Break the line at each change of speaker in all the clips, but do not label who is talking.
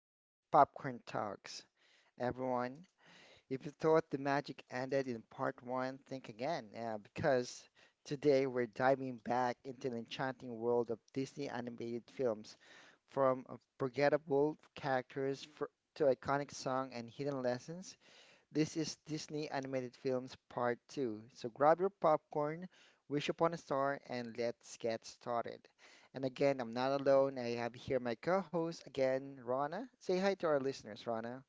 to Popcorn Talks, everyone. If you thought the magic ended in part one, think again, because today we're diving back into the enchanting world of Disney animated films, from forgettable characters fr to iconic song and hidden lessons. This is Disney Animated Films Part 2. So grab your popcorn, wish upon a star, and let's get started. And again, I'm not alone. I have here my co host again, Rana. Say hi to our listeners, Rana.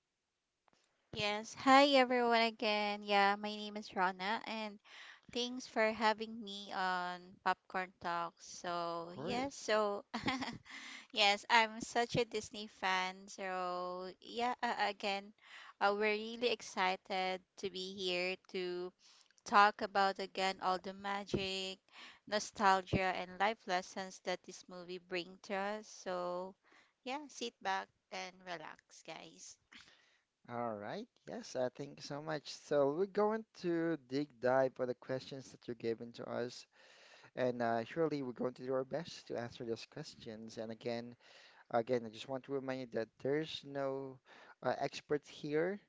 Yes. Hi everyone again. Yeah, my name is Rana and thanks for having me on Popcorn Talks. So,
Of
yes,
course.
so yes, I'm such a Disney fan. So, yeah, again, we're really excited to be here to talk about again all the magic, nostalgia and life lessons that this movie brings to us. So, yeah, sit back and relax, guys.
All right. Yes, thank you so much. So we're going to dig dive for the questions that you're giving to us, and surely we're going to do our best to answer those questions. And again, I just want to remind you that there's no experts here.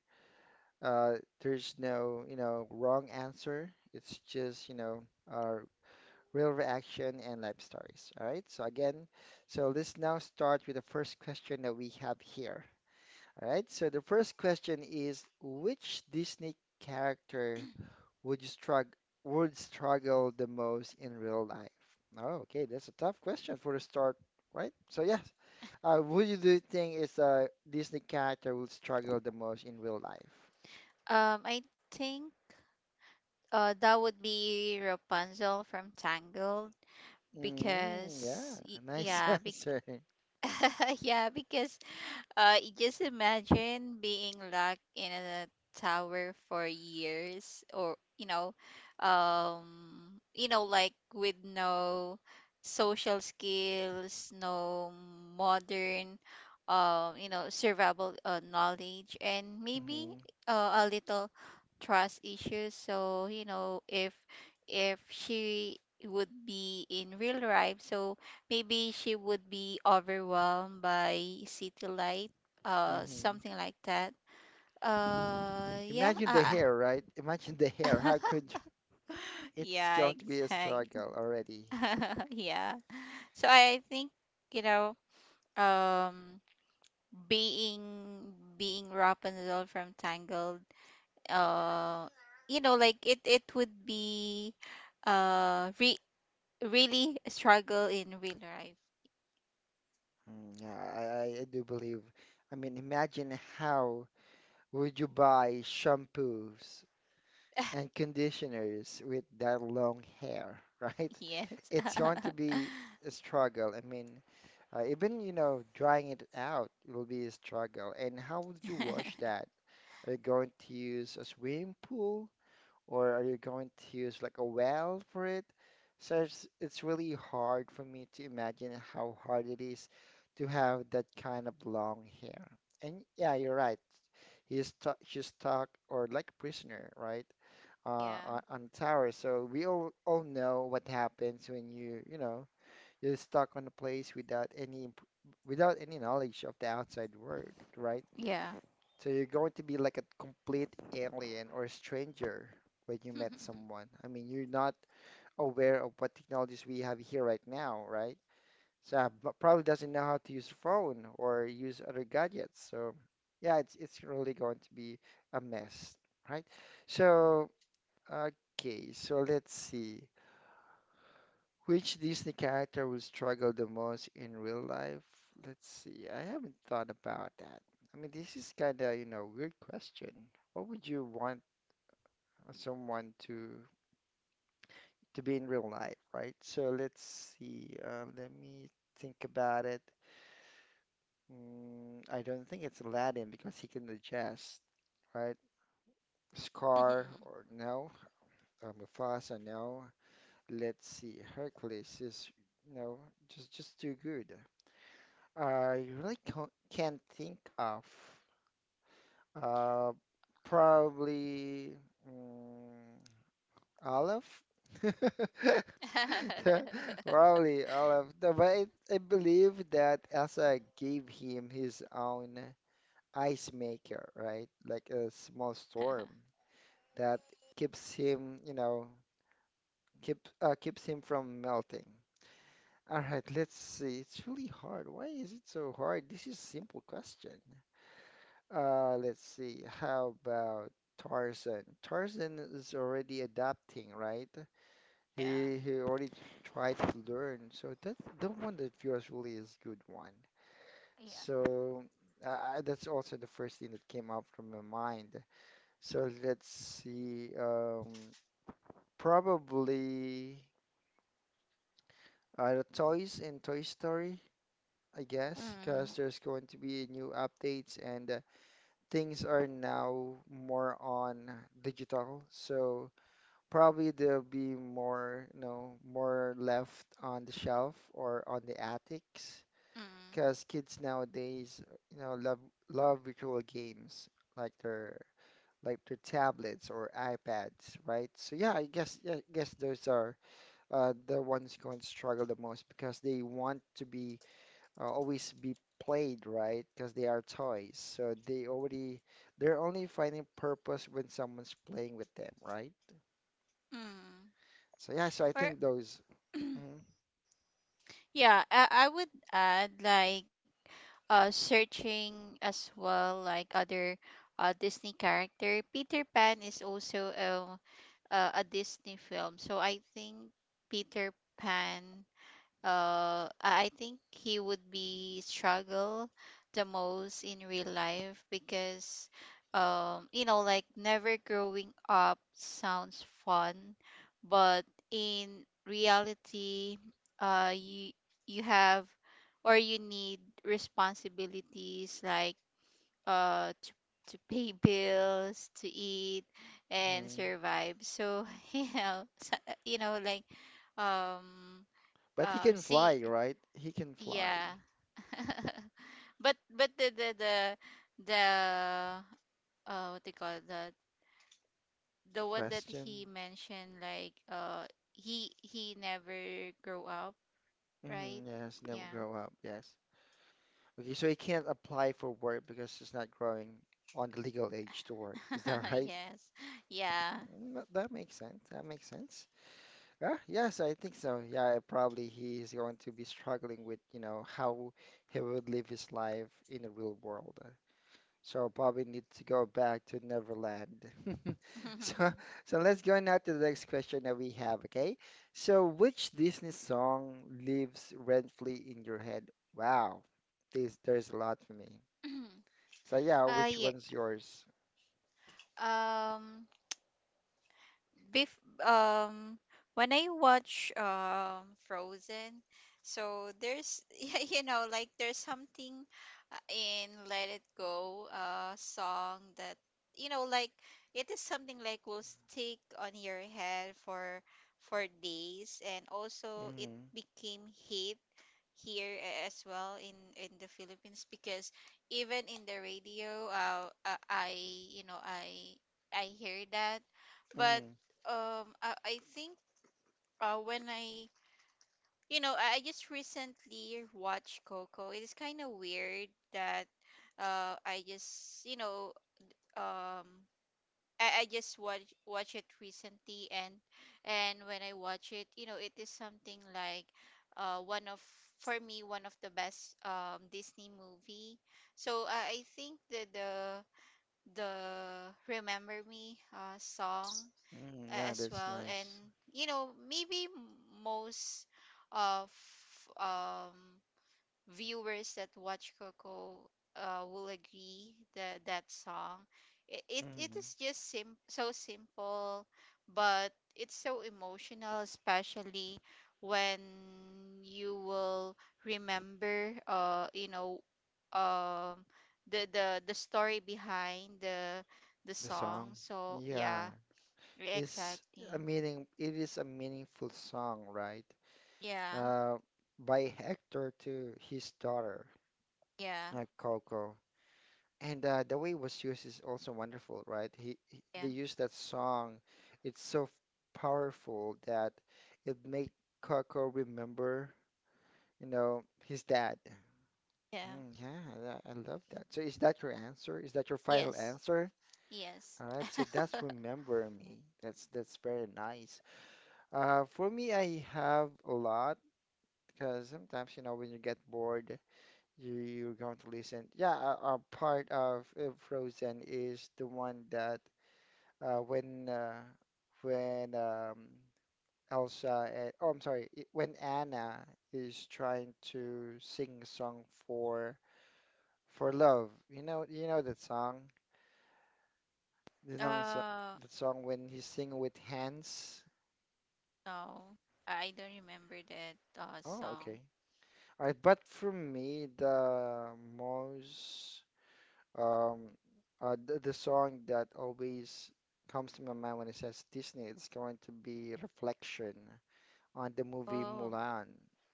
Uh, there's no, you know, wrong answer. It's just, you know, our real reaction and life stories. All right. So again, so let's now start with the first question that we have here. All right. So the first question is, which Disney character would you struggle would struggle the most in real life? Oh, okay. That's a tough question for the start, right? So yes. Who do you think is a Disney character would struggle the most in real life?
I think that would be Rapunzel from Tangled
Mm, yeah,
because
nice answer.
yeah, because just imagine being locked in a tower for years, or like with no social skills, no modern, survival knowledge, and maybe
hmm
a little trust issues. So if she would be in real life, so maybe she would be overwhelmed by city light,
hmm
something like that. Yeah,
Imagine the hair, right? Imagine the hair. How could you? It's
yeah,
going to be a
exactly.
struggle already.
yeah. So I think you know, um, being being Rapunzel from Tangled, uh, like it would be, re really a struggle in real life.
Mm, yeah, I do believe. I mean, imagine how would you buy shampoos and conditioners with that long hair, right?
Yes.
It's going to be a struggle. I mean, even, you know, drying it out will be a struggle. And how would you wash that? Are you going to use a swimming pool or are you going to use like a well for it? So it's really hard for me to imagine how hard it is to have that kind of long hair. And yeah, you're right. He's stuck, she's stuck or like a prisoner, right?
Yeah.
On a tower. So we all know what happens when you know, you're stuck on a place without any without any knowledge of the outside world, right?
Yeah.
So you're going to be like a complete alien or a stranger when you met someone. I mean, you're not aware of what technologies we have here right now, right? So but probably doesn't know how to use phone or use other gadgets. So yeah, it's really going to be a mess, right? So okay, so let's see. Which Disney character will struggle the most in real life? Let's see. I haven't thought about that. I mean, this is kind of, you know, weird question. What would you want someone to be in real life, right? So let's see. Let me think about it. Mm, I don't think it's Aladdin because he can adjust, right?
Mhm.
Scar or no? Mufasa, no. Let's see. Hercules is, you just too good. I really can't think of. Uh, probably mm, Olive. Probably Olive. No, but I believe that Elsa gave him his own ice maker, right? Like a small storm that keeps him, you know, keeps him from melting. All right, let's see. It's really hard. Why is it so hard? This is a simple question. Let's see. How about Tarzan? Tarzan is already adapting, right? He
Yeah.
he already tried to learn, so that the one that yours really is good one.
Yeah.
So uh, that's also the first thing that came up from my mind. So let's see. Probably the toys in Toy Story, I guess, because there's
Mm,
going to be new updates and things are now more on digital, so probably there'll be more, you know, more left on the shelf or on the attics because
mm,
kids nowadays, you know, love virtual games like their like their tablets or iPads, right? So yeah, yeah, I guess those are the ones going to struggle the most because they want to be always be played, right? Because they are toys. So they're only finding purpose when someone's playing with them, right?
mm.
So yeah, so I think
Or
those. mhm,
yeah, I would add like searching as well like other Disney character. Peter Pan is also a Disney film. So I think Peter Pan, I think he would be struggle the most in real life because like never growing up sounds fun but in reality uh you you have or you need responsibilities like uh to to pay bills to eat and
mhm.
survive, so you know so- you know like um
But he can
see
fly, right? He can fly.
yeah. But the what do you call the
The
the one that he
question.
mentioned like he never grow up,
Hmm,
right?
yes, never
Yeah.
grow up. Yes. Okay, so he can't apply for work because he's not growing on the legal age to work. Is that right?
Yes. Yeah.
Mm, that that makes sense. That makes sense. Yeah, yes, I think so. Yeah, probably he is going to be struggling with, you know, how he would live his life in the real world. So probably need to go back to Neverland. So, so let's go now to the next question that we have, okay? So, which Disney song lives rent-free in your head? Wow, this there's a lot for me. So yeah, which
Yeah.
one's yours?
Um Bef um when I watch Frozen, so there's yeah, like there's something in Let It Go song that like it is something like will stick on your head for days, and also it
hmm
became hit here as well in the Philippines because even in the radio, I, you know I I hear that. But
hmm
I think, when I, I just recently watched Coco. It is kind of weird that I just, um I just watch it recently, and when I watch it, it is something like, one of, for me, one of the best Disney movie. So I think the Remember Me song,
Yeah,
as
that's
well, and
nice.
maybe most of um viewers that watch Coco will agree that that song, it
hmm
is just so simple, but it's so emotional, especially when you will remember, um the the story behind the
The
song,
song.
so
Yeah.
yeah.
is a
Exactly.
meaning it is a meaningful song, right?
Yeah,
Uh, by Hector to his daughter,
yeah,
Coco. And the way it was used is also wonderful, right? He they
yeah,
used that song. It's so powerful that it made Coco remember, you know, his dad.
yeah.
Mm, yeah, I love that. So is that your answer? Is that your final
Yes,
answer?
yes.
All right, so that's Remember Me. That's very nice. For me, I have a lot because sometimes, you know, when you get bored, you're going to listen. Yeah, a part of Frozen is the one that uh, when uh, when Elsa, and, oh, I'm sorry, when Anna is trying to sing a song for love. You know that song, the song
Uh.
that song when he sing with hands.
Oh, I don't remember that
Oh,
song.
okay. All right, but for me, most Um, the song that always comes to my mind when it says Disney, it's going to be Reflection on the movie
Oh.
Mulan.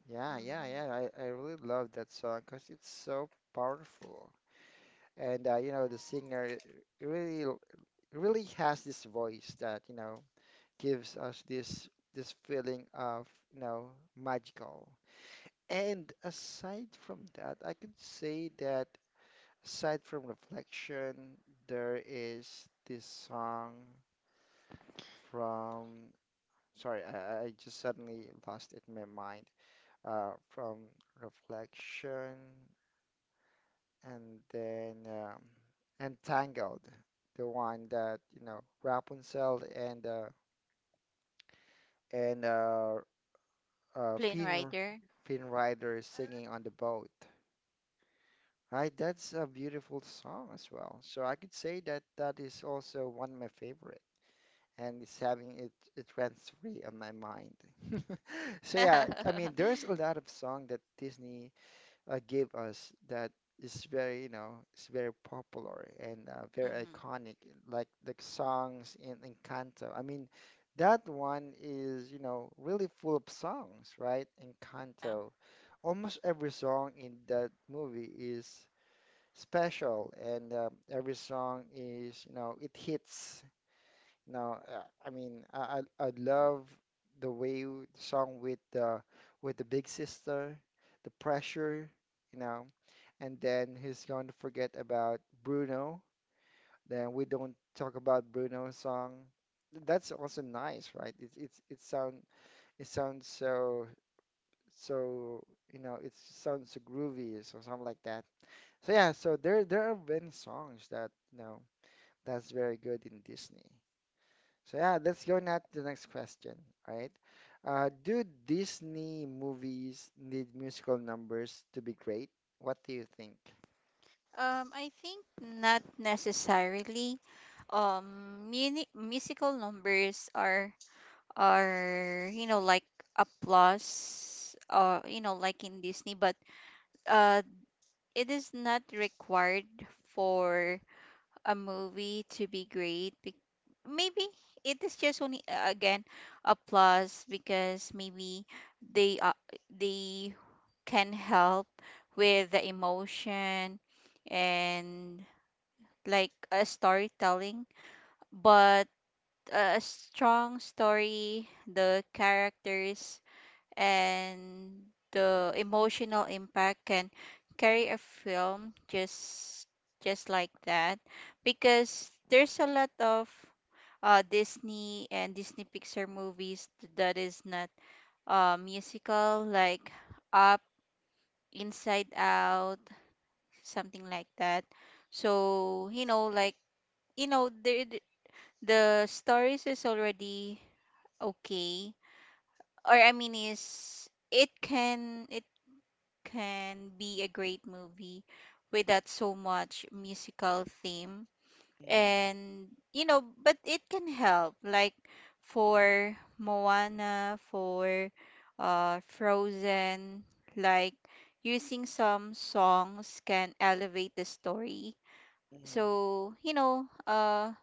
Yeah, yeah,
Mm-hmm.
yeah. I really love that song because it's so powerful. And you know, the singer really really has this voice that, you know, gives us this feeling of, you know, magical. And aside from that, I could say that aside from Reflection, there is this song from, sorry, I just suddenly lost it in my mind. From Reflection and then Entangled, the one that, you know, Rapunzel and
Plane
Finn
Rider.
Rider is singing on the boat. Right, that's a beautiful song as well. So I could say that that is also one of my favorite, and it's having it it runs free on my mind. So yeah, I mean, there's a lot of song that Disney gave us that is very, you know, is very popular and very
Mm-hmm.
iconic, like the songs in Encanto. I mean, that one is, you know, really full of songs, right?
Yeah.
Encanto. Almost every song in that movie is special, and every song is, you know, it hits. Now, I mean, I love the song with the big sister, the pressure, you know, and then he's going to forget about Bruno. Then we don't talk about Bruno's song. That's also nice, right? It sounds so so you know it sounds so groovy so something like that. So yeah, so there have been songs that you know that's very good in Disney. So yeah, let's go now to the next question, right? Do Disney movies need musical numbers to be great? What do you think?
I think not necessarily. Musical numbers are like applause. Like in Disney, but uh, it is not required for a movie to be great. Maybe it is just only again a plus because maybe they, they can help with the emotion and like a storytelling, but a strong story, the characters and the emotional impact can carry a film just like that, because there's a lot of Disney and Disney Pixar movies that is not musical, like Up, Inside Out, something like that. So, you know, the the the stories is already okay. Or I mean, is it can be a great movie without so much musical theme.
Mm-hmm.
And, but it can help, like for Moana, for Frozen, like using some songs can elevate the story.
hmm
So,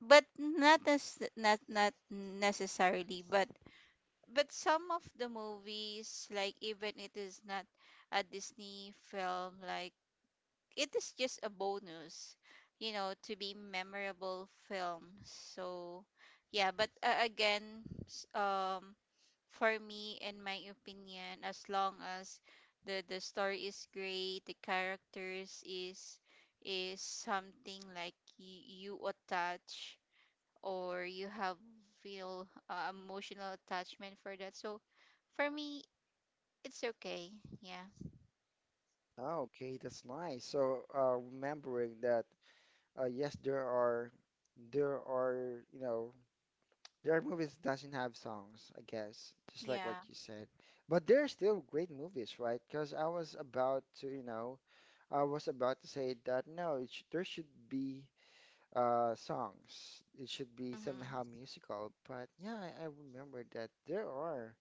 but not not necessarily, but some of the movies, like even it is not a Disney film, like it is just a bonus, to be memorable film. So, yeah, but again, for me, in my opinion, as long as the story is great, the characters is something like you, attach or you have feel emotional attachment for that. So for me, it's okay. Yeah.
Oh, okay, that's nice. So remembering that, yes, there are, you know, there are movies that doesn't have songs, I guess, just like what
Yeah.
you said. But they're still great movies, right? Because I was about to, you know, I was about to say that no, it sh there should be songs. It should be somehow
Mm-hmm.
musical, but yeah, I remember that there are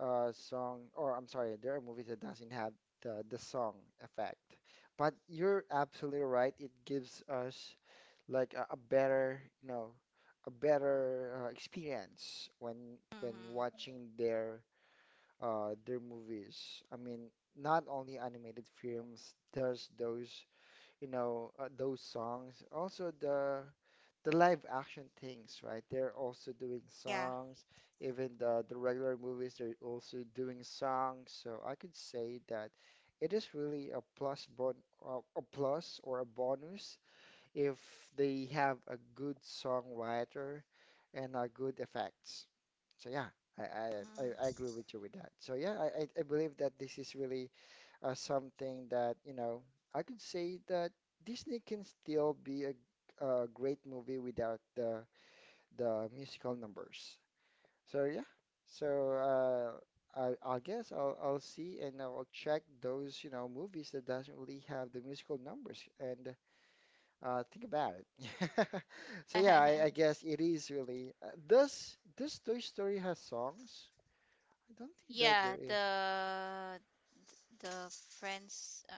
song, or I'm sorry, there are movies that doesn't have the song effect. But you're absolutely right. It gives us like a better, you know, a better experience when
Mm-hmm.
watching their movies. I mean, not only animated films, there's those, you know, those songs, also the live action things, right? They're also doing
Yeah.
songs. Even the regular movies, they're also doing songs. So I could say that it is really a plus or a bonus if they have a good songwriter and a good effects. So yeah, I
Mm-hmm.
agree with you with that. So yeah, I believe that this is really something that I could say that Disney can still be a great movie without the musical numbers. So yeah, so I guess I'll see and I'll check those movies that doesn't really have the musical numbers and think about it. So yeah, I guess it is really. Does Toy Story has songs? I don't think that
Yeah,
there is.
the the friends.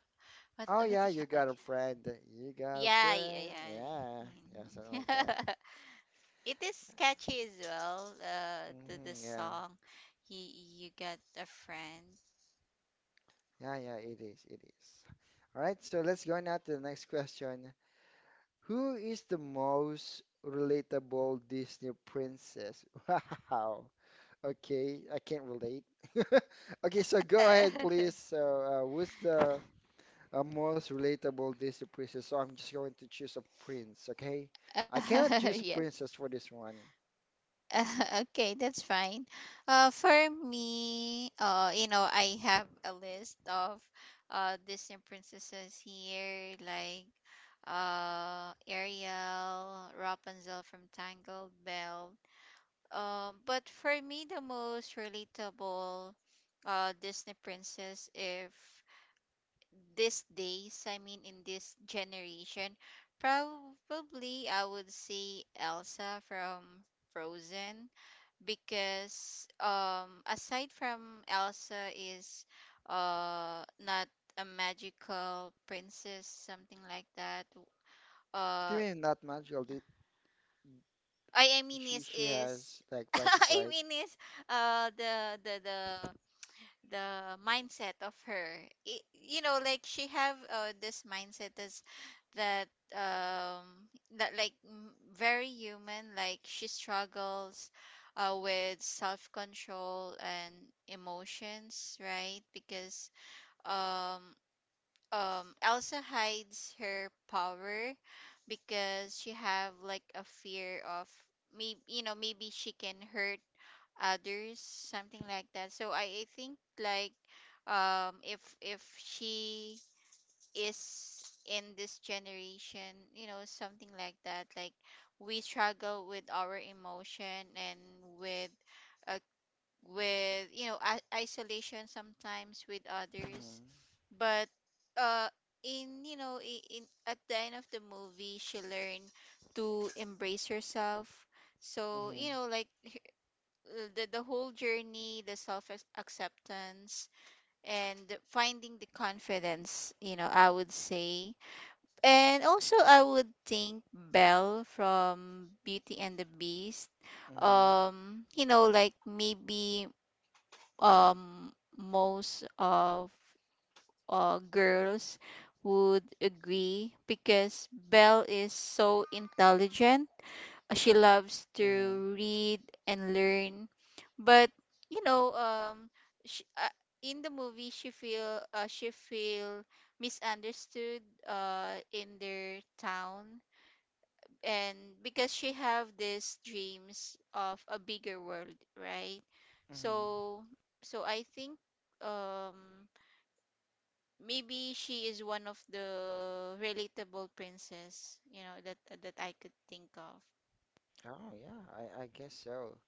what
Oh
what
yeah,
do you
you
call it?
got a friend. You got a
Yeah,
friend.
yeah,
Yeah, yeah, something
yeah. Mhm.
like that.
It is catchy as well. The
Yeah,
song, you you got a friend.
yeah, yeah. It is. It is. All right. So let's go now to the next question. Who is the most relatable Disney princess? Wow. Okay, I can't relate. Okay, so go ahead, please. So, who's the most relatable Disney princess? So I'm just going to choose a prince. Okay, I cannot choose a
yeah.
princess for this one.
Okay, that's fine. For me, I have a list of Disney princesses here, like Ariel, Rapunzel from Tangled, Belle. But for me, the most relatable Disney princess, if these days, I mean, in this generation, probably I would say Elsa from Frozen because, aside from, Elsa is not a magical princess, something like that.
Do you
Uh
mean not magical?
I mean
She she
is
has like magic,
I
right?
mean, is uh the the the the mindset of her. I, like she have this mindset is that, um that like very human. Like she struggles with self-control and emotions, right? Because um Elsa hides her power because she have like a fear of, maybe maybe she can hurt others, something like that. So I think like, if she is in this generation, something like that, like we struggle with our emotion and with uh, with, isolation sometimes with others.
Mm-hmm.
But uh in you know I- in at the end of the movie, she learned to embrace herself. So,
Mm-hmm.
the whole journey, the self acceptance, and finding the confidence, I would say. And also, I would think Belle from Beauty and the Beast.
Mm-hmm.
Like maybe, um, most of girls would agree because Belle is so intelligent. She loves
Mm-hmm.
to read and learn, but you know um she, in the movie, she feel misunderstood in their town, and because she have these dreams of a bigger world, right?
Mm-hmm.
So I think, um maybe she is one of the relatable princess, that I could think of,
Oh yeah, I guess so.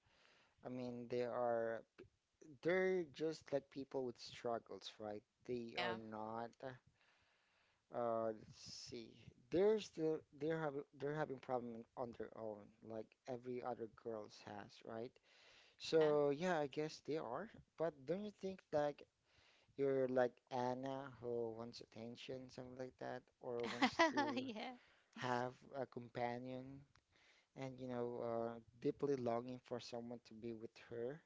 I mean, they're just like people with struggles, right? They
yeah.
are not. Let's see. They're having problem on their own, like every other girls has, right?
Yeah.
So yeah, I guess they are. But don't you think like you're like Anna who wants attention, something like that, or wants to
Yeah.
have a companion and deeply longing for someone to be with her.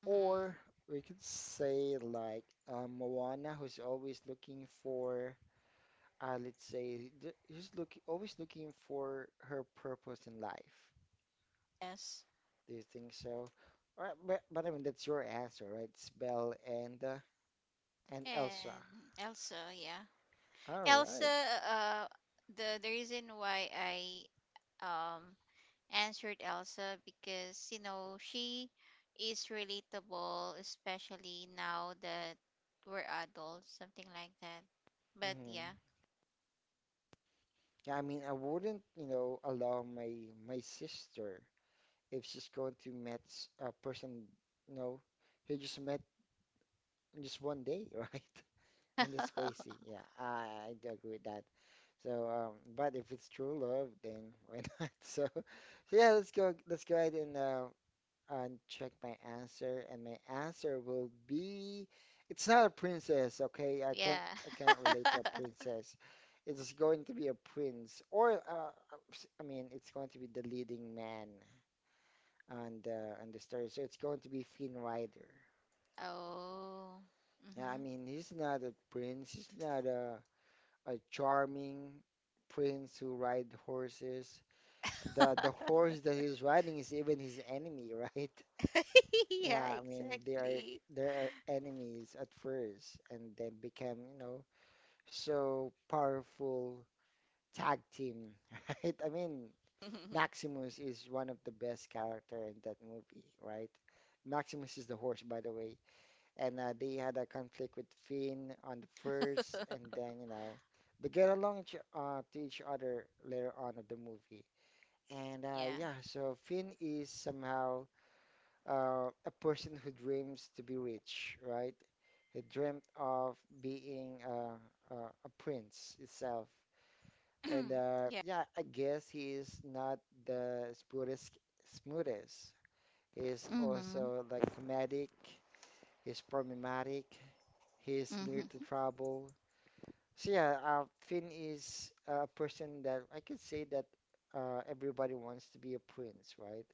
Hmm.
Or we could say like Moana who's always looking for, let's say, always looking for her purpose in life.
Yes.
Do you think so? All right, but I mean, that's your answer, right? It's Belle and
And
Elsa.
Elsa, yeah.
All
Elsa,
right.
uh, the reason why I, um answered Elsa because she is relatable, especially now that we're adults, something like that. But yeah,
Mm-hmm. Yeah, I mean, I wouldn't allow my sister if she's going to meet a person, you know, who just met in just one day, right? And that's crazy. Yeah, I do agree with that. So, but if it's true love, then why not? So, yeah, let's go. Let's go ahead and check my answer, and my answer will be it's not a princess, okay? I can't
yeah.
I can't relate to a princess. It's going to be a prince, or I mean, it's going to be the leading man on the story. So it's going to be Finn Rider.
Oh.
Yeah, I
Mhm.
mean, he's not a prince. He's not a charming prince who ride horses. The horse that he's riding is even his enemy, right?
Yeah,
Yeah, I mean they are
exactly.
there are enemies at first and then became so powerful tag team, right? I mean, Maximus is one of the best character in that movie, right? Maximus is the horse, by the way, and they had a conflict with Finn on the first, and then they get along to each other later on of the movie, and
Yeah.
yeah, so Finn is somehow a person who dreams to be rich, right? He dreamt of being a prince itself. And
Yeah.
yeah, I guess he is not the smoothest, smoothest. He is
Mhm.
also like comedic, he's problematic, he's near to
Mhm.
trouble. So yeah, Finn is a person that I could say that everybody wants to be a prince, right?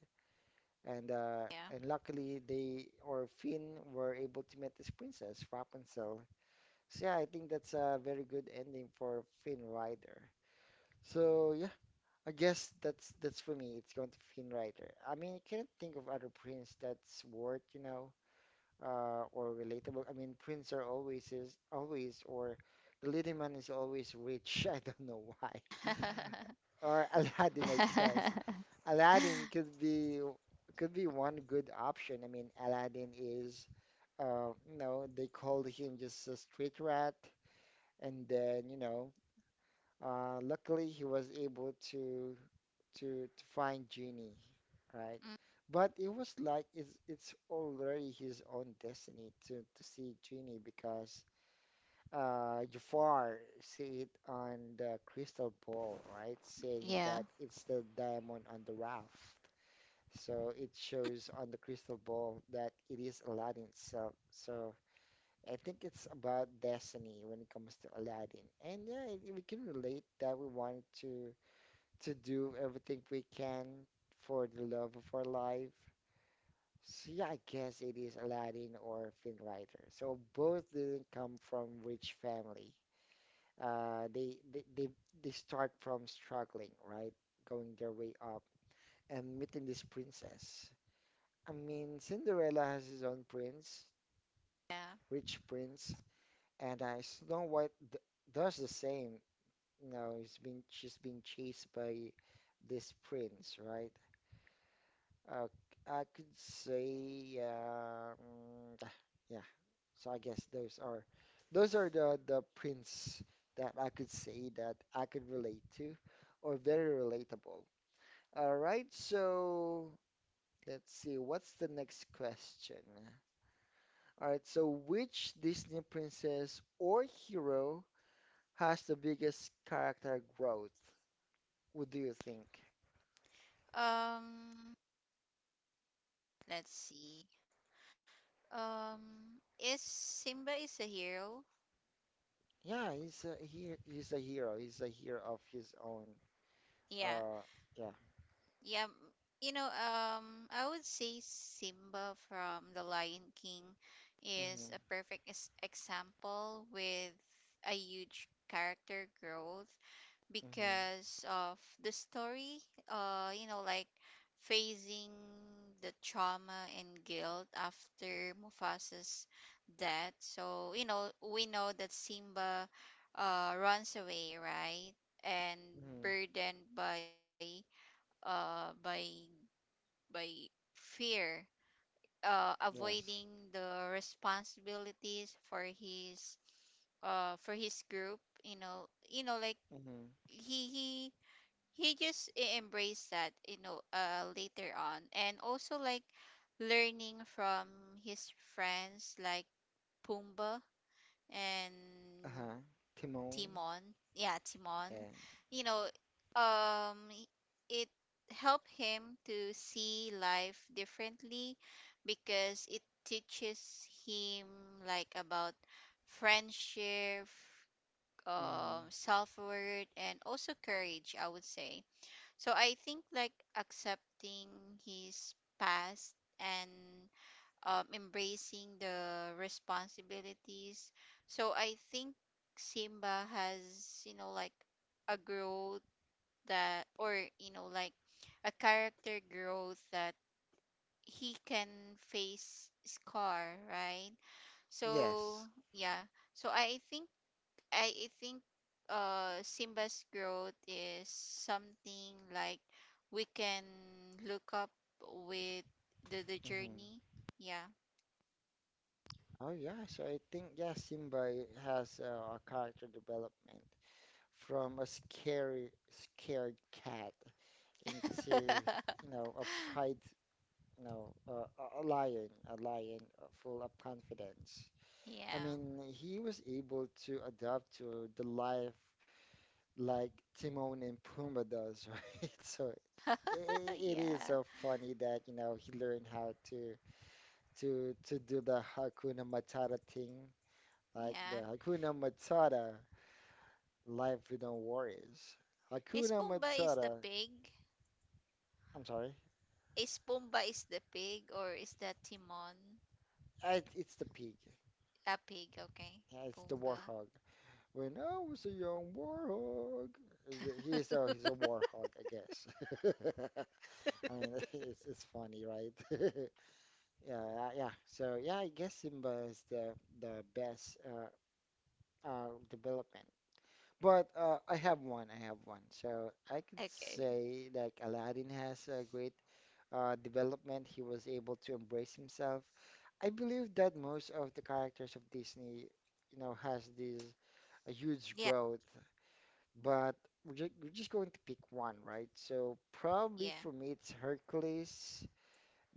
And uh,
Yeah.
and luckily they or Finn were able to meet this princess, Rapunzel. So yeah, I think that's a very good ending for Finn Rider. So yeah, I guess that's for me. It's going to Finn Rider. I mean, I can't think of other prince that's worth, or relatable. I mean, prince are always is always or the leading man is always rich. I don't know why. Or Aladdin, I guess. Aladdin could be one good option. I mean, Aladdin is they called him just a street rat, and then luckily he was able to find Genie, right?
Mm.
But it was like it's already his own destiny to see Genie because Jafar see it on the crystal ball, right? Saying
Yeah.
that it's the diamond on the raft. So it shows on the crystal ball that it is Aladdin itself. So I think it's about destiny when it comes to Aladdin. And yeah, we can relate that we wanted to do everything we can for the love of our life. So yeah, I guess it is Aladdin or Finn Rider. So both didn't come from rich family. Uh, they, they they they start from struggling, right? Going their way up and meeting this princess. I mean, Cinderella has his own prince,
Yeah.
rich prince, and Snow White d does the same. You know, he's been she's been chased by this prince, right? Uh, I could say, yeah. So I guess those are the prince that I could say that I could relate to, or very relatable. All right, so let's see. What's the next question? All right, so which Disney princess or hero has the biggest character growth? What do you think?
Um, let's see. Is Simba is a hero?
Yeah, he's a hero. He's a hero of his own.
Yeah.
Uh, yeah.
Yeah. I would say Simba from The Lion King is a
Mhm.
perfect example with a huge character growth
Mhm.
because of the story, like facing the trauma and guilt after Mufasa's death. So, we know that Simba runs away, right? And
Mhm.
burdened by, uh by by fear, avoiding
Yes.
the responsibilities for his, for his group. Like
Mhm.
he he he just embraced that, later on, and also like learning from his friends, like Pumbaa and
Uh-huh. Timon.
Timon. Yeah, Timon.
Yeah.
you know um it helped him to see life differently because it teaches him like about friendship,
Mhm.
self-worth, and also courage, I would say. So I think like accepting his past and, embracing the responsibilities. So I think Simba has, like a growth that, or, like a character growth, that he can face Scar, right?
Yes.
So, yeah. So I think Simba's growth is something like we can look up with the
Mhm.
journey. Yeah.
Oh yeah. So I think yeah, Simba has a character development from a scary, scared cat into a pride a lion full of confidence. I
Yeah.
mean he was able to adapt to the life like Timon and Pumbaa does, right? So it is so
Yeah.
funny that he learned how to do the hakuna matata thing, like the
Yeah.
hakuna matata, life without worries, hakuna
Is Pumbaa is
matata.
the pig?
I'm sorry.
Is Pumbaa is the pig or is that Timon?
It's the pig.
A pig, okay.
Yeah, it's the
Pumbaa.
warthog. When I was a young warhog, He's a warhog, I guess. I mean, it's funny, right? Yeah, yeah. So yeah, I guess Simba is the best development. But I have one. I have one. So I could
Okay.
say like Aladdin has a great development. He was able to embrace himself. I believe that most of the characters of Disney has this a huge growth.
Yeah.
But we're just going to pick one, right? So probably for me
Yeah.
it's Hercules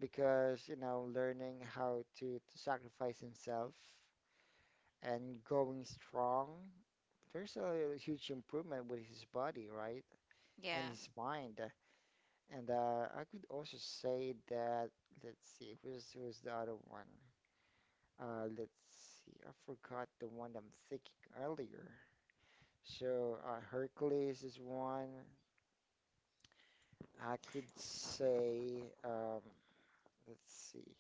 because learning how to sacrifice himself and going strong. There's a huge improvement with his body, right? And his
Yeah.
mind. And I could also say that, let's see, who's the other one? Let's see, I forgot the one I'm thinking earlier. So Hercules is one. I could say, let's see.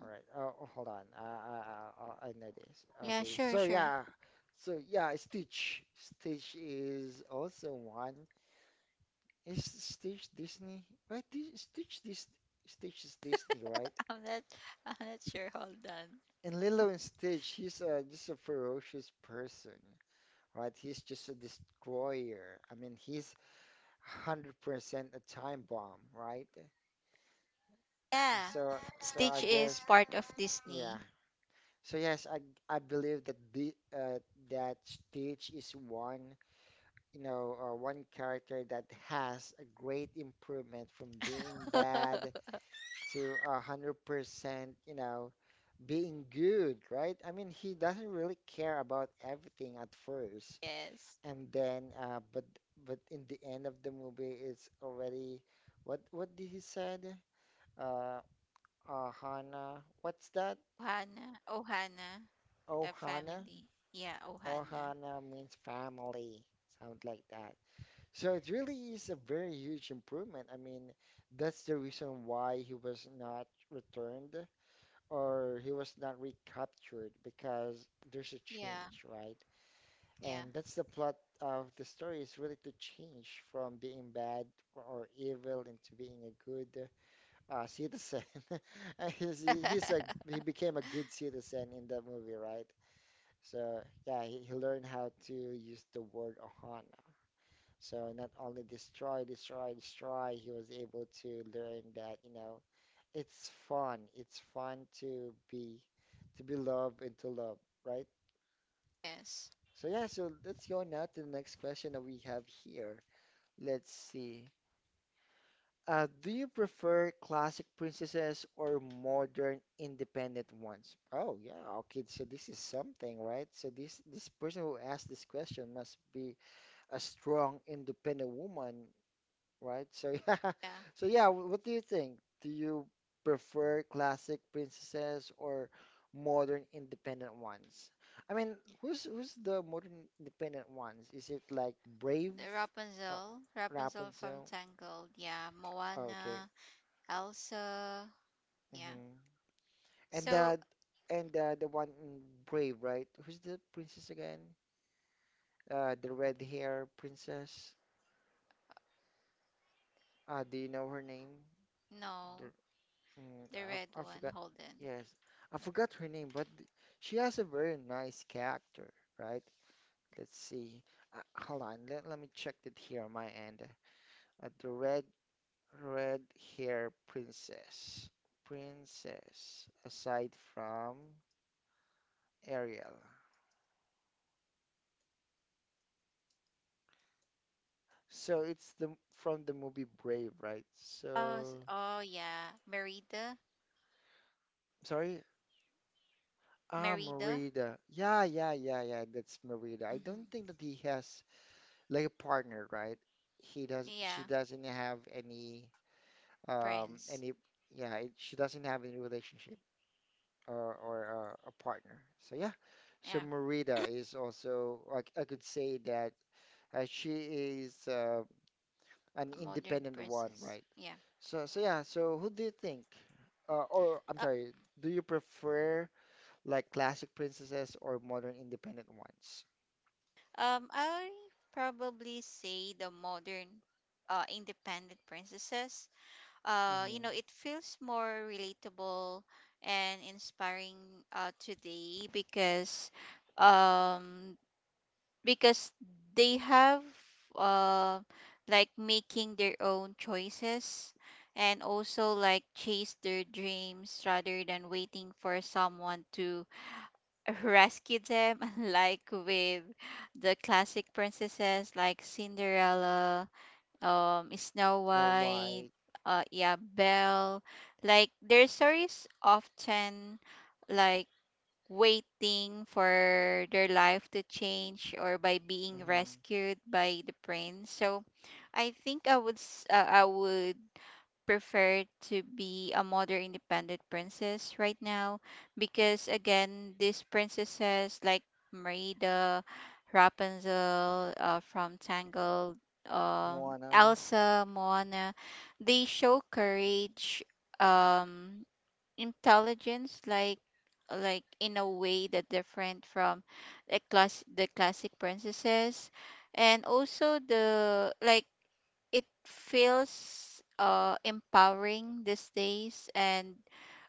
All right. Oh, hold on. I know this. Okay.
Yeah,
So
sure,
yeah.
sure.
So yeah, Stitch. Stitch is also one. Is Stitch Disney? Right? Stitch is Disney, right?
I'm not I'm not sure. Hold on.
And Lilo and Stitch, he's just a ferocious person, right? He's just a destroyer. I mean, he's 100% a time bomb, right?
Yeah.
So so
Stitch
I
is
guess
part of
yeah.
Disney.
So yes, I believe that the that Stitch is one, one character that has a great improvement from being bad to 100% being good, right? I mean, he doesn't really care about everything at first,
yes.
and then but in the end of the movie, it's already what did he said? Uh, Hana, what's that?
Ohana. Ohana.
Oh,
A
Hana.
family. Yeah, Ohana.
Ohana means family, sound like that. So it really is a very huge improvement. I mean, that's the reason why he was not returned or he was not recaptured because there's a
Yeah,
change, right?
yeah.
And that's the plot of the story is really to change from being bad or evil into being a good citizen. He's, he's a he became a good citizen in that movie, right? So yeah, he learned how to use the word ohana. So not only destroy, destroy, destroy, he was able to learn that it's fun. It's fun to be loved and to love, right?
yes.
So yeah, so let's go now to the next question that we have here. Let's see. Do you prefer classic princesses or modern independent ones? Oh yeah, okay. So this is something, right? So this person who asked this question must be a strong, independent woman, right? So yeah,
Yeah.
so yeah. What do you think? Do you prefer classic princesses or modern independent ones? I mean, who's the modern independent ones? Is it like Brave,
The
uh,
Rapunzel. Rapunzel from
Rapunzel?
Tangled. Yeah.
Oh, okay.
Moana. Elsa. Yeah.
hmm And
So,
the and the one in Brave, right? Who's the princess again? The red hair princess. Do you know her name?
no. The red
I
one.
forgot.
Holden.
Yes, I forgot her name, but she has a very nice character, right? Let's see. Hold on. Let me check it here on my end. The red hair princess. Princess, aside from Ariel. So it's the from the movie Brave, right?
Oh,
So
oh yeah. Merida.
sorry.
Merida.
Ah, Merida. Yeah, yeah, yeah, yeah. That's Merida. I
Mm-hmm.
don't think that he has like a partner, right? He does
Yeah.
she doesn't have
Prince.
any yeah, she doesn't have any relationship or a partner. So yeah.
Yeah,
So Merida is also like I could say that she is
a
an
modern
independent one,
princess.
right?
Yeah.
So yeah, so who do you think or I'm
Uh,
sorry, do you prefer like classic princesses or modern independent ones?
I probably say the modern independent princesses.
Mm-hmm.
It feels more relatable and inspiring today um because they have, uh like making their own choices and also like chase their dreams rather than waiting for someone to rescue them like with the classic princesses like Cinderella, Snow
Snow
White,
White.
yeah, Belle. Like their stories often like waiting for their life to change or by being
Mm-hmm.
rescued by the prince. So I think I would prefer to be a modern independent princess right now because, again, these princesses like Merida, Rapunzel from Tangled,
Moana.
Elsa, Moana, they show courage, um, intelligence, like in a way that different from the classic princesses, and also the like it feels empowering these days, and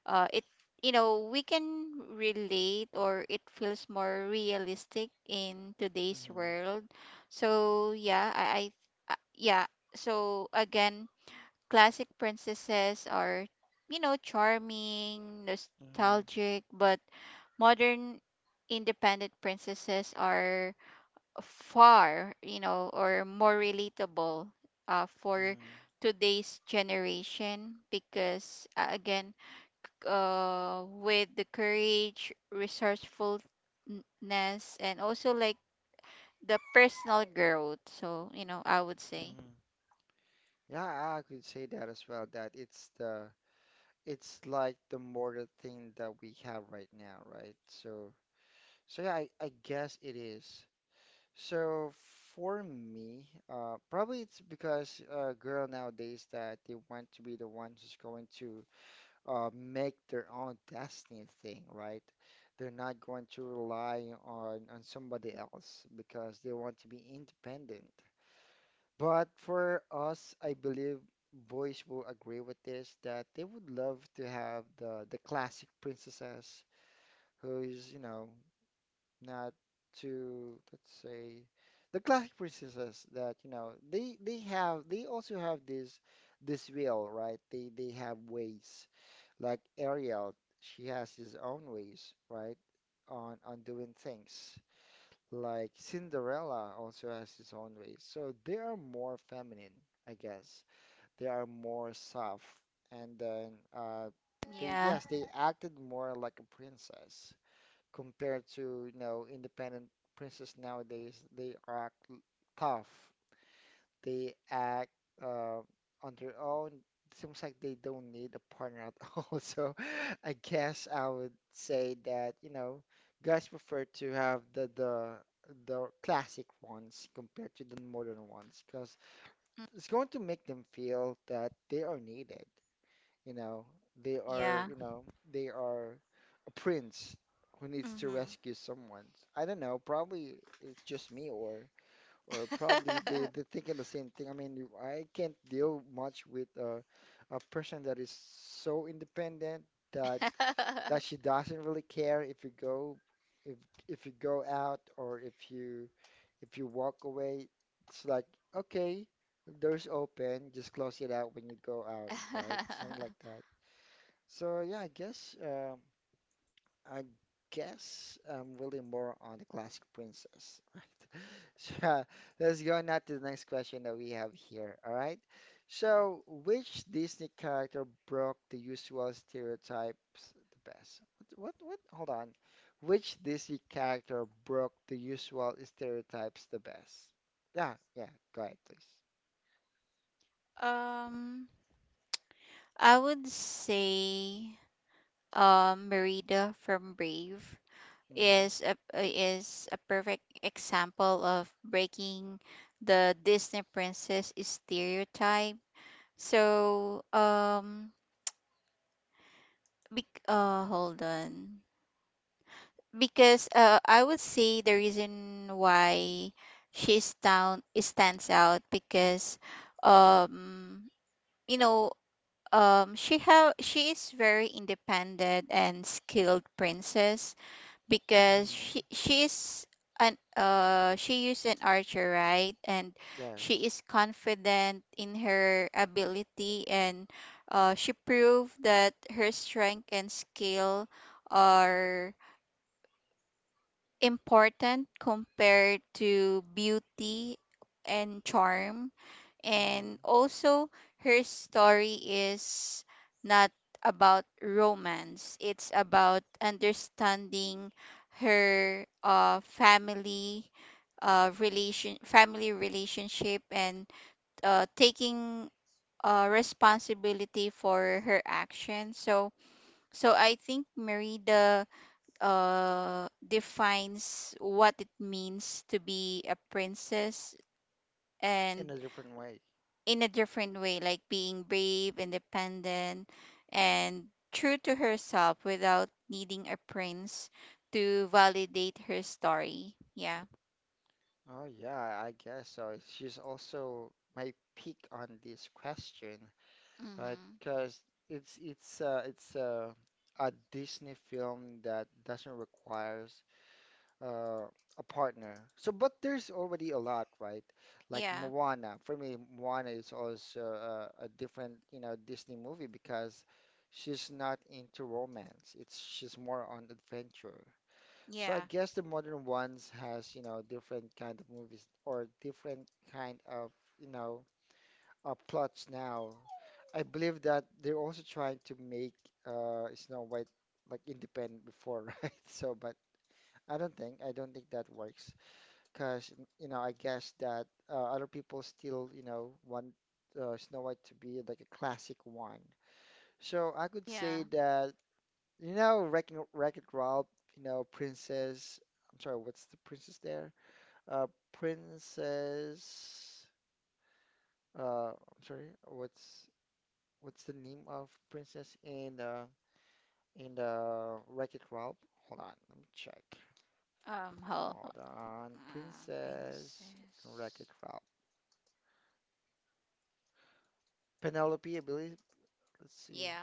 it you know we can relate, or it feels more realistic in today's
Mm-hmm.
world. So yeah, I yeah so again, classic princesses are, you know, charming,
Mm-hmm.
nostalgic, but modern independent princesses are far, you know, or more relatable for
Mm-hmm.
today's generation because, again, with the courage, resourcefulness, and also like the personal growth. So, you know, I would say,
Mm-hmm. Yeah, I could say that as well, that it's like the modern thing that we have right now, right? So yeah, I guess it is. So for me, probably it's because girl nowadays that they want to be the ones who's going to make their own destiny thing, right? They're not going to rely on somebody else because they want to be independent. But for us, I believe boys will agree with this that they would love to have the classic princesses who's, you know, not too, let's say, the classic princesses that, you know, they also have this will, right? They have ways. Like Ariel, she has his own ways, right? On doing things. Like Cinderella also has his own ways. So they are more feminine, I guess they are more soft, and then uh
yeah,
they yes they acted more like a princess compared to, you know, independent princess nowadays. Tough, they act uh, on their own. Seems like they don't need a partner at all. So I guess I would say that, you know, guys prefer to have the classic ones compared to the modern ones because it's going to make them feel that they are needed, you know, they are,
yeah.
you know, they are a prince who needs to
Mm-hmm.
rescue someone. I don't know, probably it's just me, or probably they're thinking the same thing. I mean, I can't deal much with a person that is so independent that that she doesn't really care if you go, if if you go out, or if you, if you walk away. It's like, okay, door's open, just close it out when you go out, right? Something like that. So yeah, I guess I'm really more on the classic princess, right? So yeah, let's go now to the next question that we have here. All right. So which Disney character broke the usual stereotypes the best? What? Hold on. Which Disney character broke the usual stereotypes the best? Yeah, yeah. Go ahead, please.
um, I would say Merida from Brave
Hmm.
is a perfect example of breaking the Disney princess stereotype. So, bec hold on. Because, I would say the reason why she stands out because, um you know she is very independent and skilled princess because she
Mm-hmm.
she's an she is an archer, right, and she
Yes.
is confident in her ability, and, she proved that her strength and skill are important compared to beauty and charm.
Hmm.
And also, her story is not about romance, it's about understanding her, family. Relation family relationship, and, taking, responsibility for her actions. So I think Merida, defines what it means to be a princess, and
In a different way.
in a different way, like being brave, independent, and true to herself without needing a prince to validate her story. Yeah.
Oh yeah, I guess so. She's also my pick on this question, right?
Mm-hmm.
Because it's a Disney film that doesn't requires uh, a partner. So, but there's already a lot, right? Like
Yeah.
Moana. For me, Moana is also a different, you know, Disney movie because she's not into romance. It's she's more on adventure. So I
Yeah.
guess the modern ones has, you know, different kind of movies or different kind of, you know, plots now. I believe that they're also trying to make Snow White like independent before, right? So, but I don't think that works because, you know, I guess that other people still, you know, want Snow White to be like a classic one. So I could
Yeah.
say that, you know, Wrecking Wreck-It Ralph, you know, Princess, I'm sorry, what's the princess there? Uh, Princess, I'm sorry, what's the name of Princess in the Wreck-It Ralph? Hold on, let me check.
Um. Hel- uh,
Hold on, Princess and
Princess.
Wreck-It Ralph. Penelope, I believe. Let's see.
Yeah.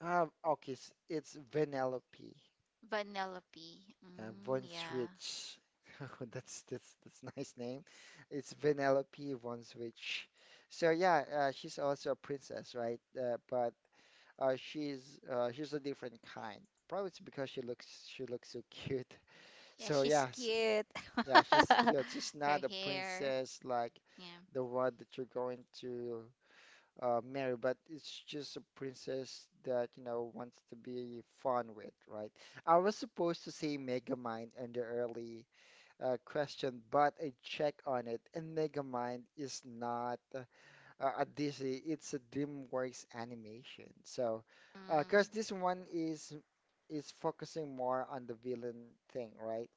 Ah, okay, it's Vanellope.
Vanellope. Mm,
Von
yeah.
Switch. Oh, that's nice name. It's Vanellope Von Switch. So yeah, she's also a princess, right? But she's a different kind. Probably it's because she looks so cute.
Yeah,
So
she's
yeah, s
cute.
yeah, she's
Her
cute. She's not a
hair.
princess like
Yeah.
the one that you're going to marry, but it's just a princess that, you know, wants to be fun with, right? I was supposed to say Megamind in the early question, but I check on it, and Megamind is not a Disney, it's a DreamWorks animation. So, because
Mm.
this one is focusing more on the villain thing, right?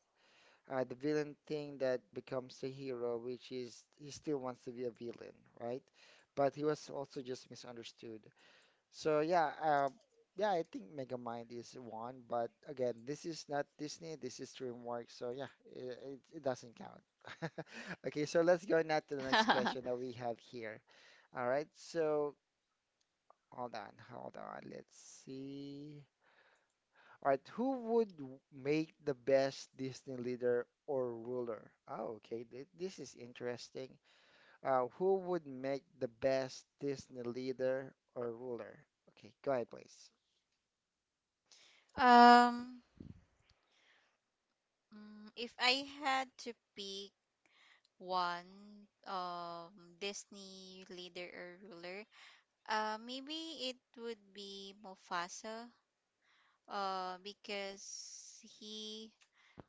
The villain thing that becomes a hero, which is he still wants to be a villain, right? But he was also just misunderstood. So yeah, yeah, I think Megamind is one, but again, this is not Disney, this is DreamWorks, so yeah, it doesn't count. Okay, so let's go now to the next question that we have here. All right, so hold on, let's see. All right, who would make the best Disney leader or ruler? Oh, okay, th this is interesting. Who would make the best Disney leader or ruler? Okay, go ahead, please.
um. If I had to pick one, Disney leader or ruler, maybe it would be Mufasa, because he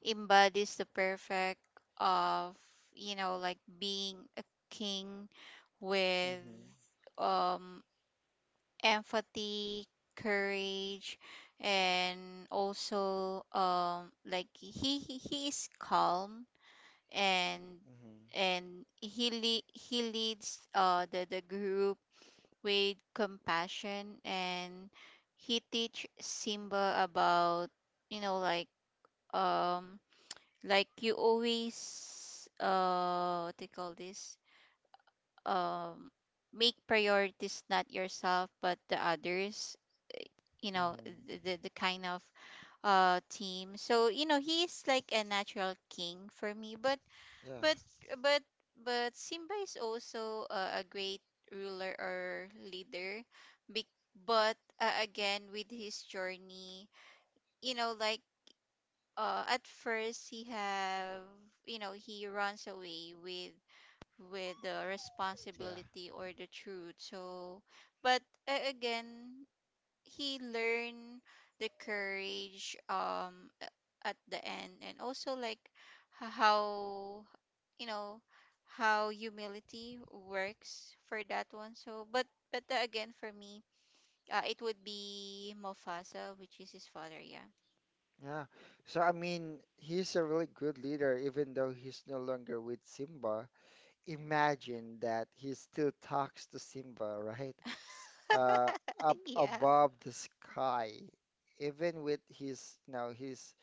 embodies the perfect of, you know, like being a king with,
Mm-hmm.
um empathy, courage, and also, he is calm, and
Mm-hmm.
and he leads the group with compassion, and he teach Simba about, you know, like, um like you always, what do you call this, um make priorities not yourself but the others, you know,
Mm-hmm.
the kind of, team. So, you know, he's like a natural king for me, but
Yeah,
but but but Simba is also a great ruler or leader. Be- but Again, with his journey, you know, like, at first he have, you know, he runs away with the
yeah,
responsibility or the truth. So, but, again, he learned the courage, at the end, and also like, how, you know, how humility works for that one. So, but again, for me, it would be Mufasa, which is his father. Yeah.
yeah. So I mean, he's a really good leader, even though he's no longer with Simba. Imagine that he still talks to Simba, right? Uh, up
Yeah.
above the sky, even with his, you know, his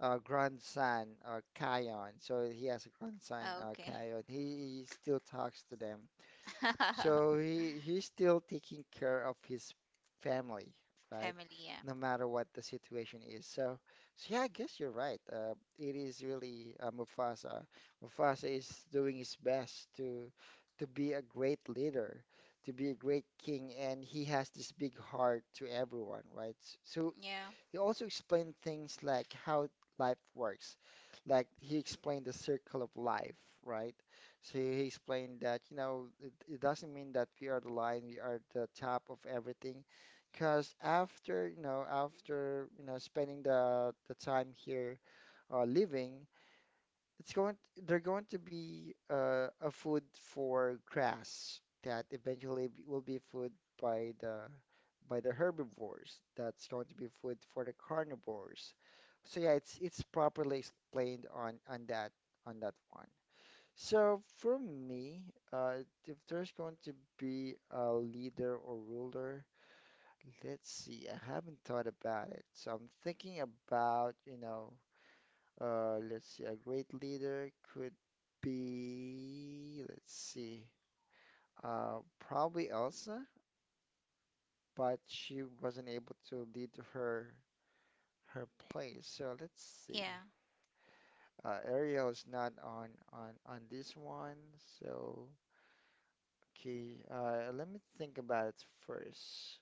grandson, Kion. So he has a grandson,
Okay.
Kion. He still talks to them. So he's still taking care of his family, right?
Family, yeah.
No matter what the situation is. So, so yeah, I guess you're right. It is really Mufasa. Mufasa is doing his best to be a great leader, to be a great king, and he has this big heart to everyone, right? So
Yeah.
he also explained things like how life works. Like he explained the circle of life, right? So he explained that, you know, it doesn't mean that we are the lion, we are the top of everything. Because after, you know, spending the time here living, it's going they're going to be a food for grass that eventually will be food by the by the herbivores. That's going to be food for the carnivores. So yeah, it's properly explained on that one. So for me, if there's going to be a leader or ruler, let's see. I haven't thought about it. So I'm thinking about, you know, let's see, a great leader could be, let's see, probably Elsa, but she wasn't able to lead her place. So let's
Yeah.
see. Ariel is not on this one. So okay, let me think about it first.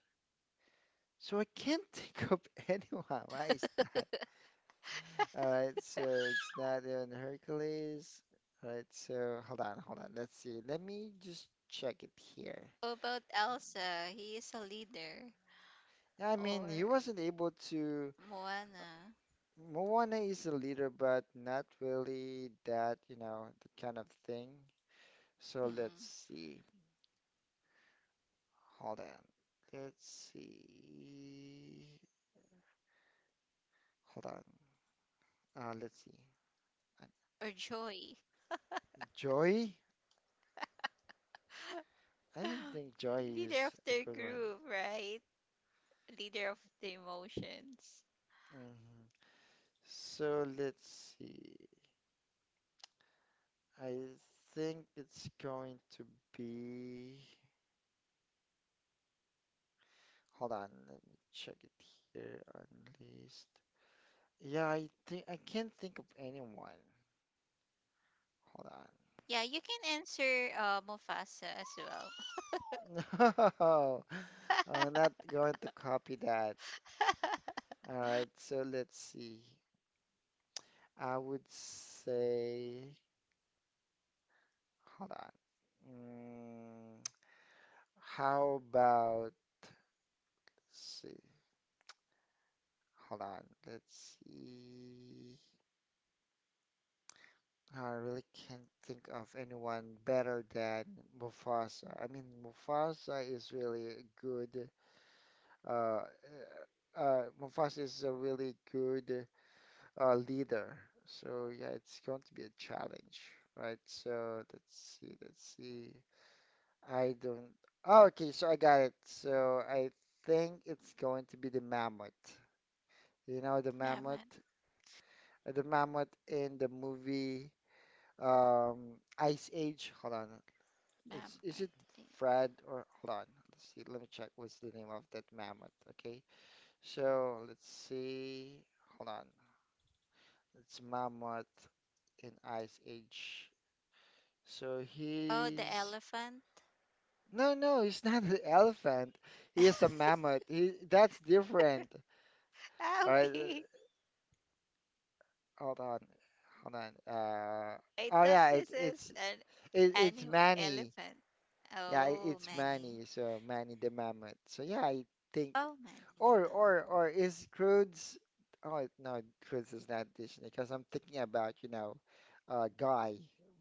So I can't think of anyone. Why is that? All right, so it's not in Hercules. All right, so hold on. Let's see. Let me just check it here.
How about Elsa? He is a leader.
Yeah, I
Or
mean, he wasn't able to.
Moana.
Moana is a leader, but not really that, you know, that kind of thing. So let's
Mm-mm.
see. Hold on. Let's see. Hold on. Let's see. Uh,
Or Joy.
Joy? I don't think Joy
Leader
is
of
a
their
good one.
group, right? Leader of the emotions.
Hmm. So let's see. I think it's going to be. Hold on, let me check it here on list. Yeah, I think I can't think of anyone. Hold
Yeah, you can answer, Mufasa as well.
on. No, I'm not going to copy that. All right, so let's see. I would say, hold on. Mm, how about, let's see. Hold on, let's see. I really can't think of anyone better than Mufasa. I mean, Mufasa is really a good. Uh, Mufasa is a really good leader. So yeah, it's going to be a challenge, right? So let's see. I don't. Oh, okay, so I got it. So I think it's going to be the mammoth. You know,
Mammoth,
the mammoth in the movie Ice Age. Hold on. It's is
mammoth.
it
Eh.
Fred or hold on, let's see, let me check what's the name of that mammoth, okay? So let's see, hold on, it's mammoth in Ice Age. So
Oh, the
he's
elephant.
no, no, he's not an elephant. He is a mammoth. He that's different.
Ah,
All right,
okay.
hold on, hold on.
I
Oh
thought
yeah,
this is an
it, it's
animal
Manny.
elephant.
Yeah,
Oh,
it's
Manny.
Manny. So Manny the mammoth. So yeah, I think
Oh, Manny the
Or
mammoth.
or or is Croods? Oh no, Croods is not Disney because I'm thinking about, you know, Guy,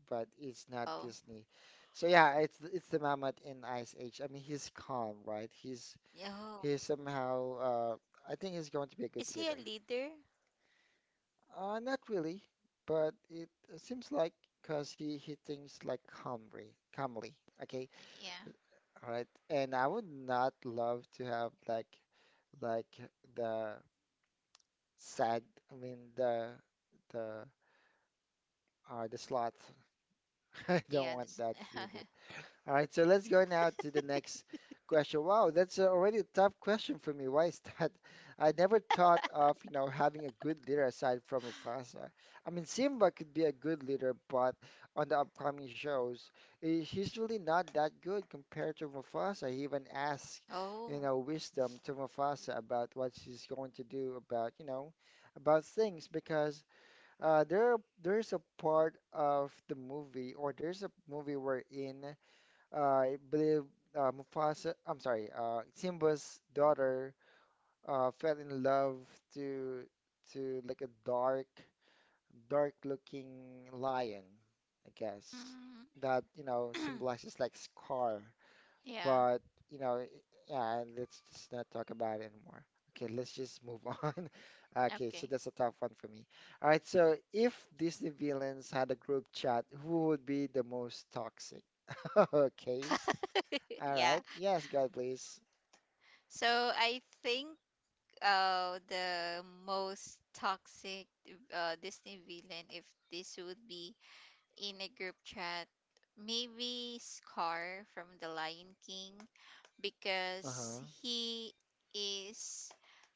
but it's not
Oh,
Disney. So yeah, it's the Mammoth in Ice Age. I mean, he's calm, right?
yeah. Oh.
He's somehow. I think he's going to be a
Is
good
he a
leader.
leader?
Not really, but it seems like because he thinks like calmly, calmly. Okay,
Yeah.
all right. And I would not love to have like the sad. I mean the the slot. I
Yeah.
don't
This.
want that to be there. All right, so let's go now to the next question. Wow, that's already a tough question for me. Why is that? I never thought of, having a good leader aside from Mufasa. I mean, Simba could be a good leader, but on the upcoming shows, he's really not that good compared to Mufasa. He even asked, you
Oh.
know, wisdom to Mufasa about what she's going to do about, about things because. Uh, there, there's a part of the movie, or there's a movie wherein I believe Mufasa, I'm sorry, Simba's daughter fell in love to to like a dark, dark-looking lion, I guess, that you know
Mm.
symbolizes like scar.
Yeah.
But you know, i- yeah, let's just not talk about it anymore. Okay, let's just move on. Okay, so
Okay.
that's a tough one for me. All right, so if Disney villains had a group chat, who would be the most toxic? Okay. All
Yeah.
right. Yes, God, please.
So I think the most toxic, Disney villain, if this would be in a group chat, maybe Scar from The Lion King, because
Uh-huh.
he is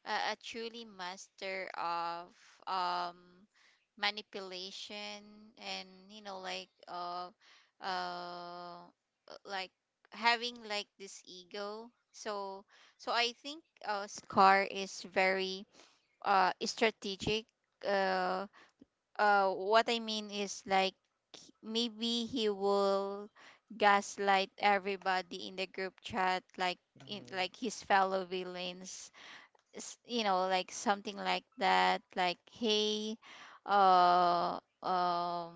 a truly master of, um, manipulation, and, you know, like, uh, like having like this ego. So I think, Scar is very, strategic. uh what I mean is like, maybe he will gaslight everybody in the group chat, like in
hmm
like his fellow villains. You know, like something like that, like, hey, uh um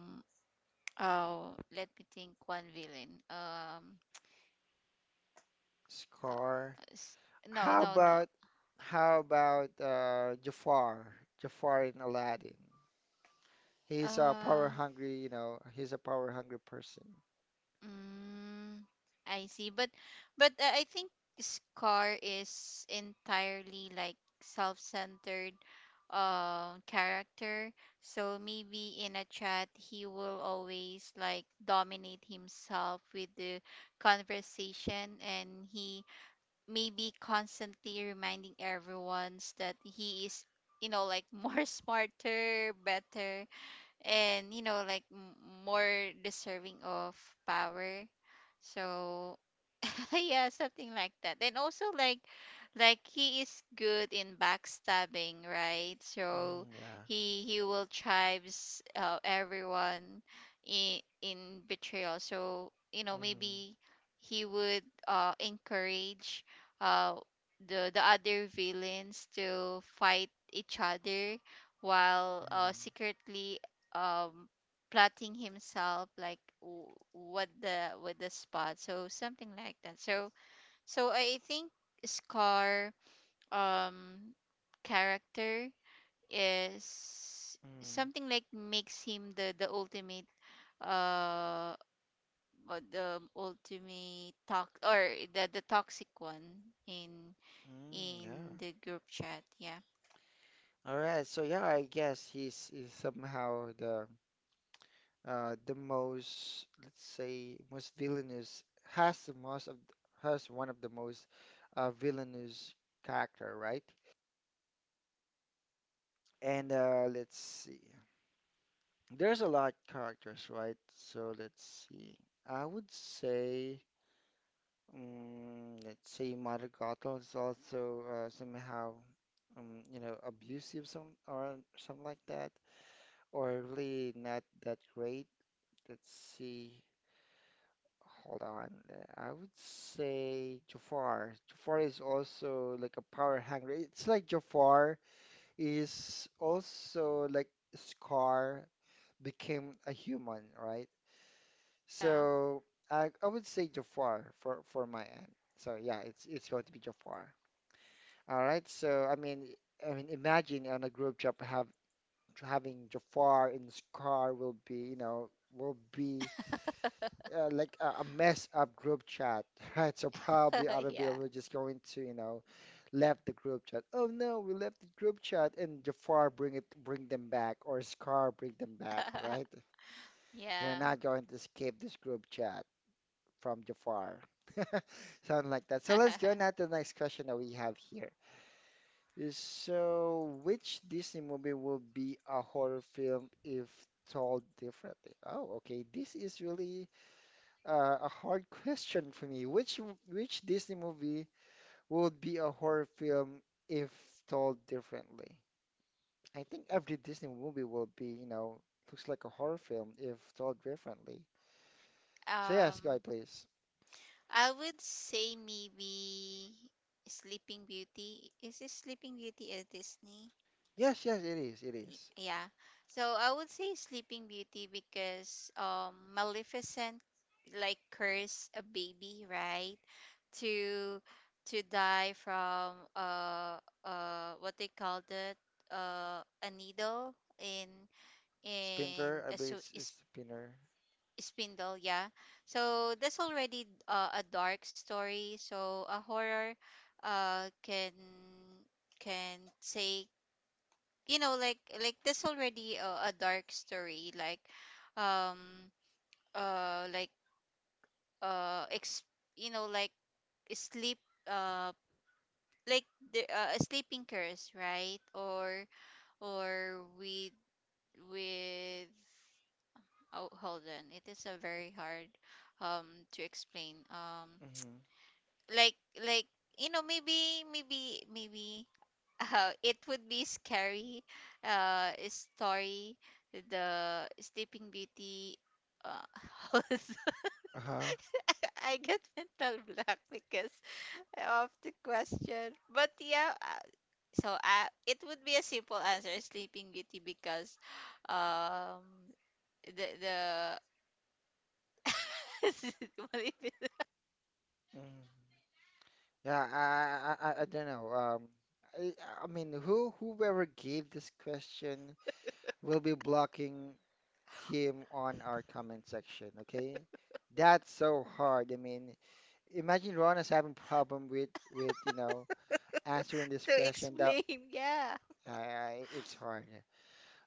oh, let me think one villain. Uh,
Scar.
s- no,
How
no, no.
about how about Jafar? Jafar in Aladdin. He's a power
uh
hungry, you know, he's a power hungry person.
Mm, I see. But I think Scar is entirely like self-centered, character. So maybe in a chat he will always like dominate himself with the conversation, and he maybe constantly reminding everyone that he is, you know, like more smarter, better, and, you know, like, more deserving of power. So yeah, something like that. And also like, he is good in backstabbing, right? So
Mm, yeah.
he will tribes, everyone in betrayal. So, you know,
hmm
maybe he would encourage, uh the other villains to fight each other while,
Mm,
secretly, um plotting himself like, what the with the spot. So something like that. So I think Scar, um character is
mm,
something like makes him the ultimate, uh the ultimate talk, or the toxic one in
mm, yeah.
in the group chat. Yeah.
All right. So yeah, I guess he's somehow the most, let's say most villainous, has the most of, has one of the most villainous character, right? And uh, let's see. There's a lot characters, right? So let's see. I would say mm, let's say Mother Gothel is also somehow you know abusive some or something like that, or really not that great. Let's see. Hold on. I would say Jafar. Jafar is also like a power hungry. It's like Jafar is also like Scar became a human, right?
Yeah.
So I would say Jafar for my end. So yeah, it's going to be Jafar. All right. I mean imagine on a group chat have having Jafar and Scar will be, you know, will be like a mess up group chat, right? So probably other
Yeah.
people were just going to, you know, left the group chat. Oh no, we left the group chat, and Jafar bring it, bring them back, or Scar bring them back, right?
Yeah.
You're not going to escape this group chat from Jafar. Something like that. So let's go now to the next question that we have here. So, which Disney movie will be a horror film if told differently? Oh, okay. This is really a hard question for me. Which Disney movie would be a horror film if told differently? I think every Disney movie will be, you know, looks like a horror film if told differently. So yes, go
um
ahead, please.
I would say maybe Sleeping Beauty. Is this Sleeping Beauty at Disney?
Yes, yes, it is. It is.
Yeah. So I would say Sleeping Beauty because, Maleficent like curse a baby, right? To to die from, what they called it, a needle in in
Splinter, I
a
believe it's Splinter.
spindle, yeah. So that's already, a dark story. So a horror, uh can can take, you know, like that's already a dark story, like, um like ex you know, like sleep, uh like the a sleeping curse, right, or with, oh, hold on. It is a very hard, to explain,
Hmm.
like like, you know, maybe it would be scary, story, the Sleeping Beauty, uh, also.
Uh-huh.
I get mental block because of the question, but yeah, it would be a simple answer, Sleeping Beauty, because, um the what is it?
Hmm. Yeah, I don't know. I, I mean, whoever gave this question will be blocking him on our comment section, okay? That's so hard. I mean, imagine Rona's having problem with, you know, answering this
To
question that
explain, yeah.
it's hard.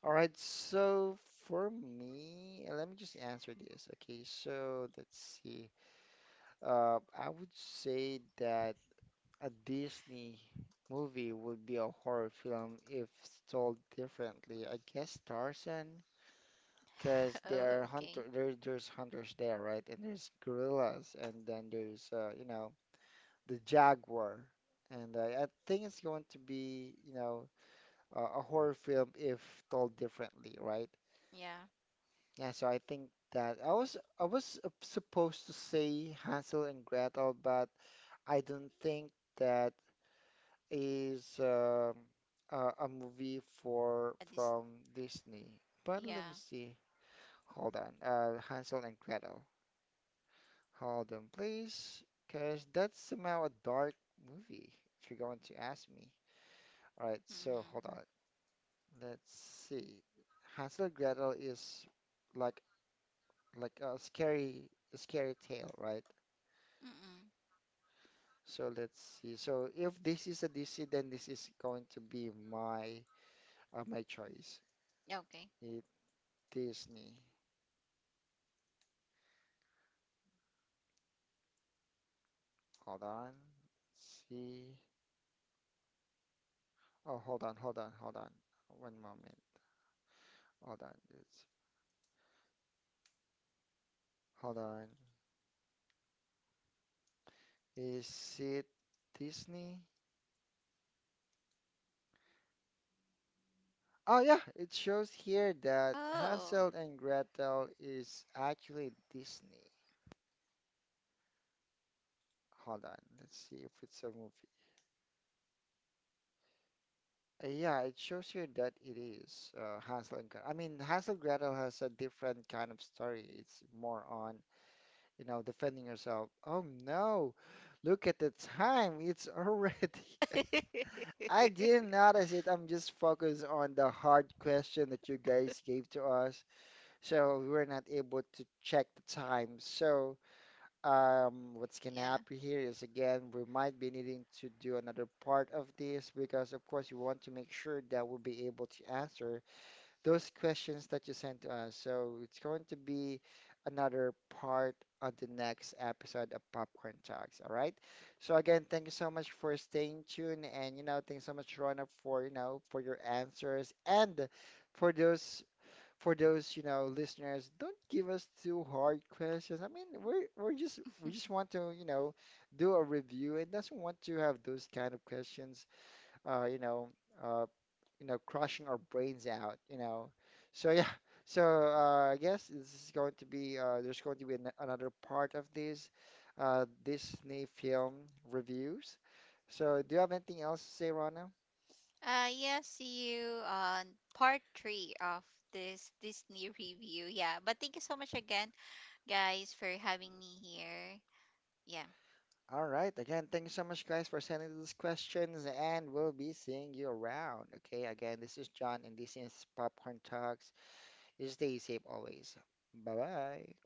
All right, so for me, let me just answer this. Okay, so let's see. I would say that a Disney movie would be a horror film if told differently. I guess Tarzan because
Oh,
there are
okay.
hunter there there's hunters there, right? And there's gorillas, and then there's you know the jaguar, and I think it's going to be you know a horror film if told differently, right?
Yeah.
Yeah, so I think that I was supposed to say Hansel and Gretel, but I don't think that is a movie for
At this.
from Disney. But let
Yeah.
me see. Hold on. Hansel and Gretel. Hold on, please, because that's somehow a dark movie, if you're going to ask me. All right, so
Mhm.
hold on. Let's see. Hansel and Gretel is like like a scary tale, right?
Mm-mm.
So let's see. So if this is a DC, then this is going to be my my choice.
Okay.
It Disney. Hold on. Let's see. Oh, hold on. One moment. Hold on. It's, hold on. Is it Disney? Oh yeah, it shows here that
Oh.
Hansel and Gretel is actually Disney. Hold on, let's see if it's a movie. Yeah, it shows here that it is Hansel and Gretel. I mean, Hansel and Gretel has a different kind of story. It's more on, you know, defending yourself. Oh no, look at the time. It's already. I didn't notice it. I'm just focused on the hard question that you guys gave to us, so we were not able to check the time. So what's gonna
Yeah.
happen here is, again, we might be needing to do another part of this because of course we want to make sure that we'll be able to answer those questions that you sent to us. So it's going to be another part on the next episode of Popcorn Talks. All right. So again, thank you so much for staying tuned, and you know thanks so much Rona for you know for your answers and for those for those, you know, listeners, don't give us too hard questions. I mean, we're just, we just want to, you know, do a review and doesn't want to have those kind of questions, uh, you know, uh, you know, crushing our brains out, you know. So yeah, so I guess this is going to be there's going to be another part of this Disney film reviews. So do you have anything else to say, Rana?
Yeah, see you on part three of this Disney review. Yeah. But thank you so much again, guys, for having me here. Yeah.
All right. Again, thank you so much, guys, for sending these questions, and we'll be seeing you around. Okay. Again, this is John, and this is Popcorn Talks. You stay safe always. Bye bye.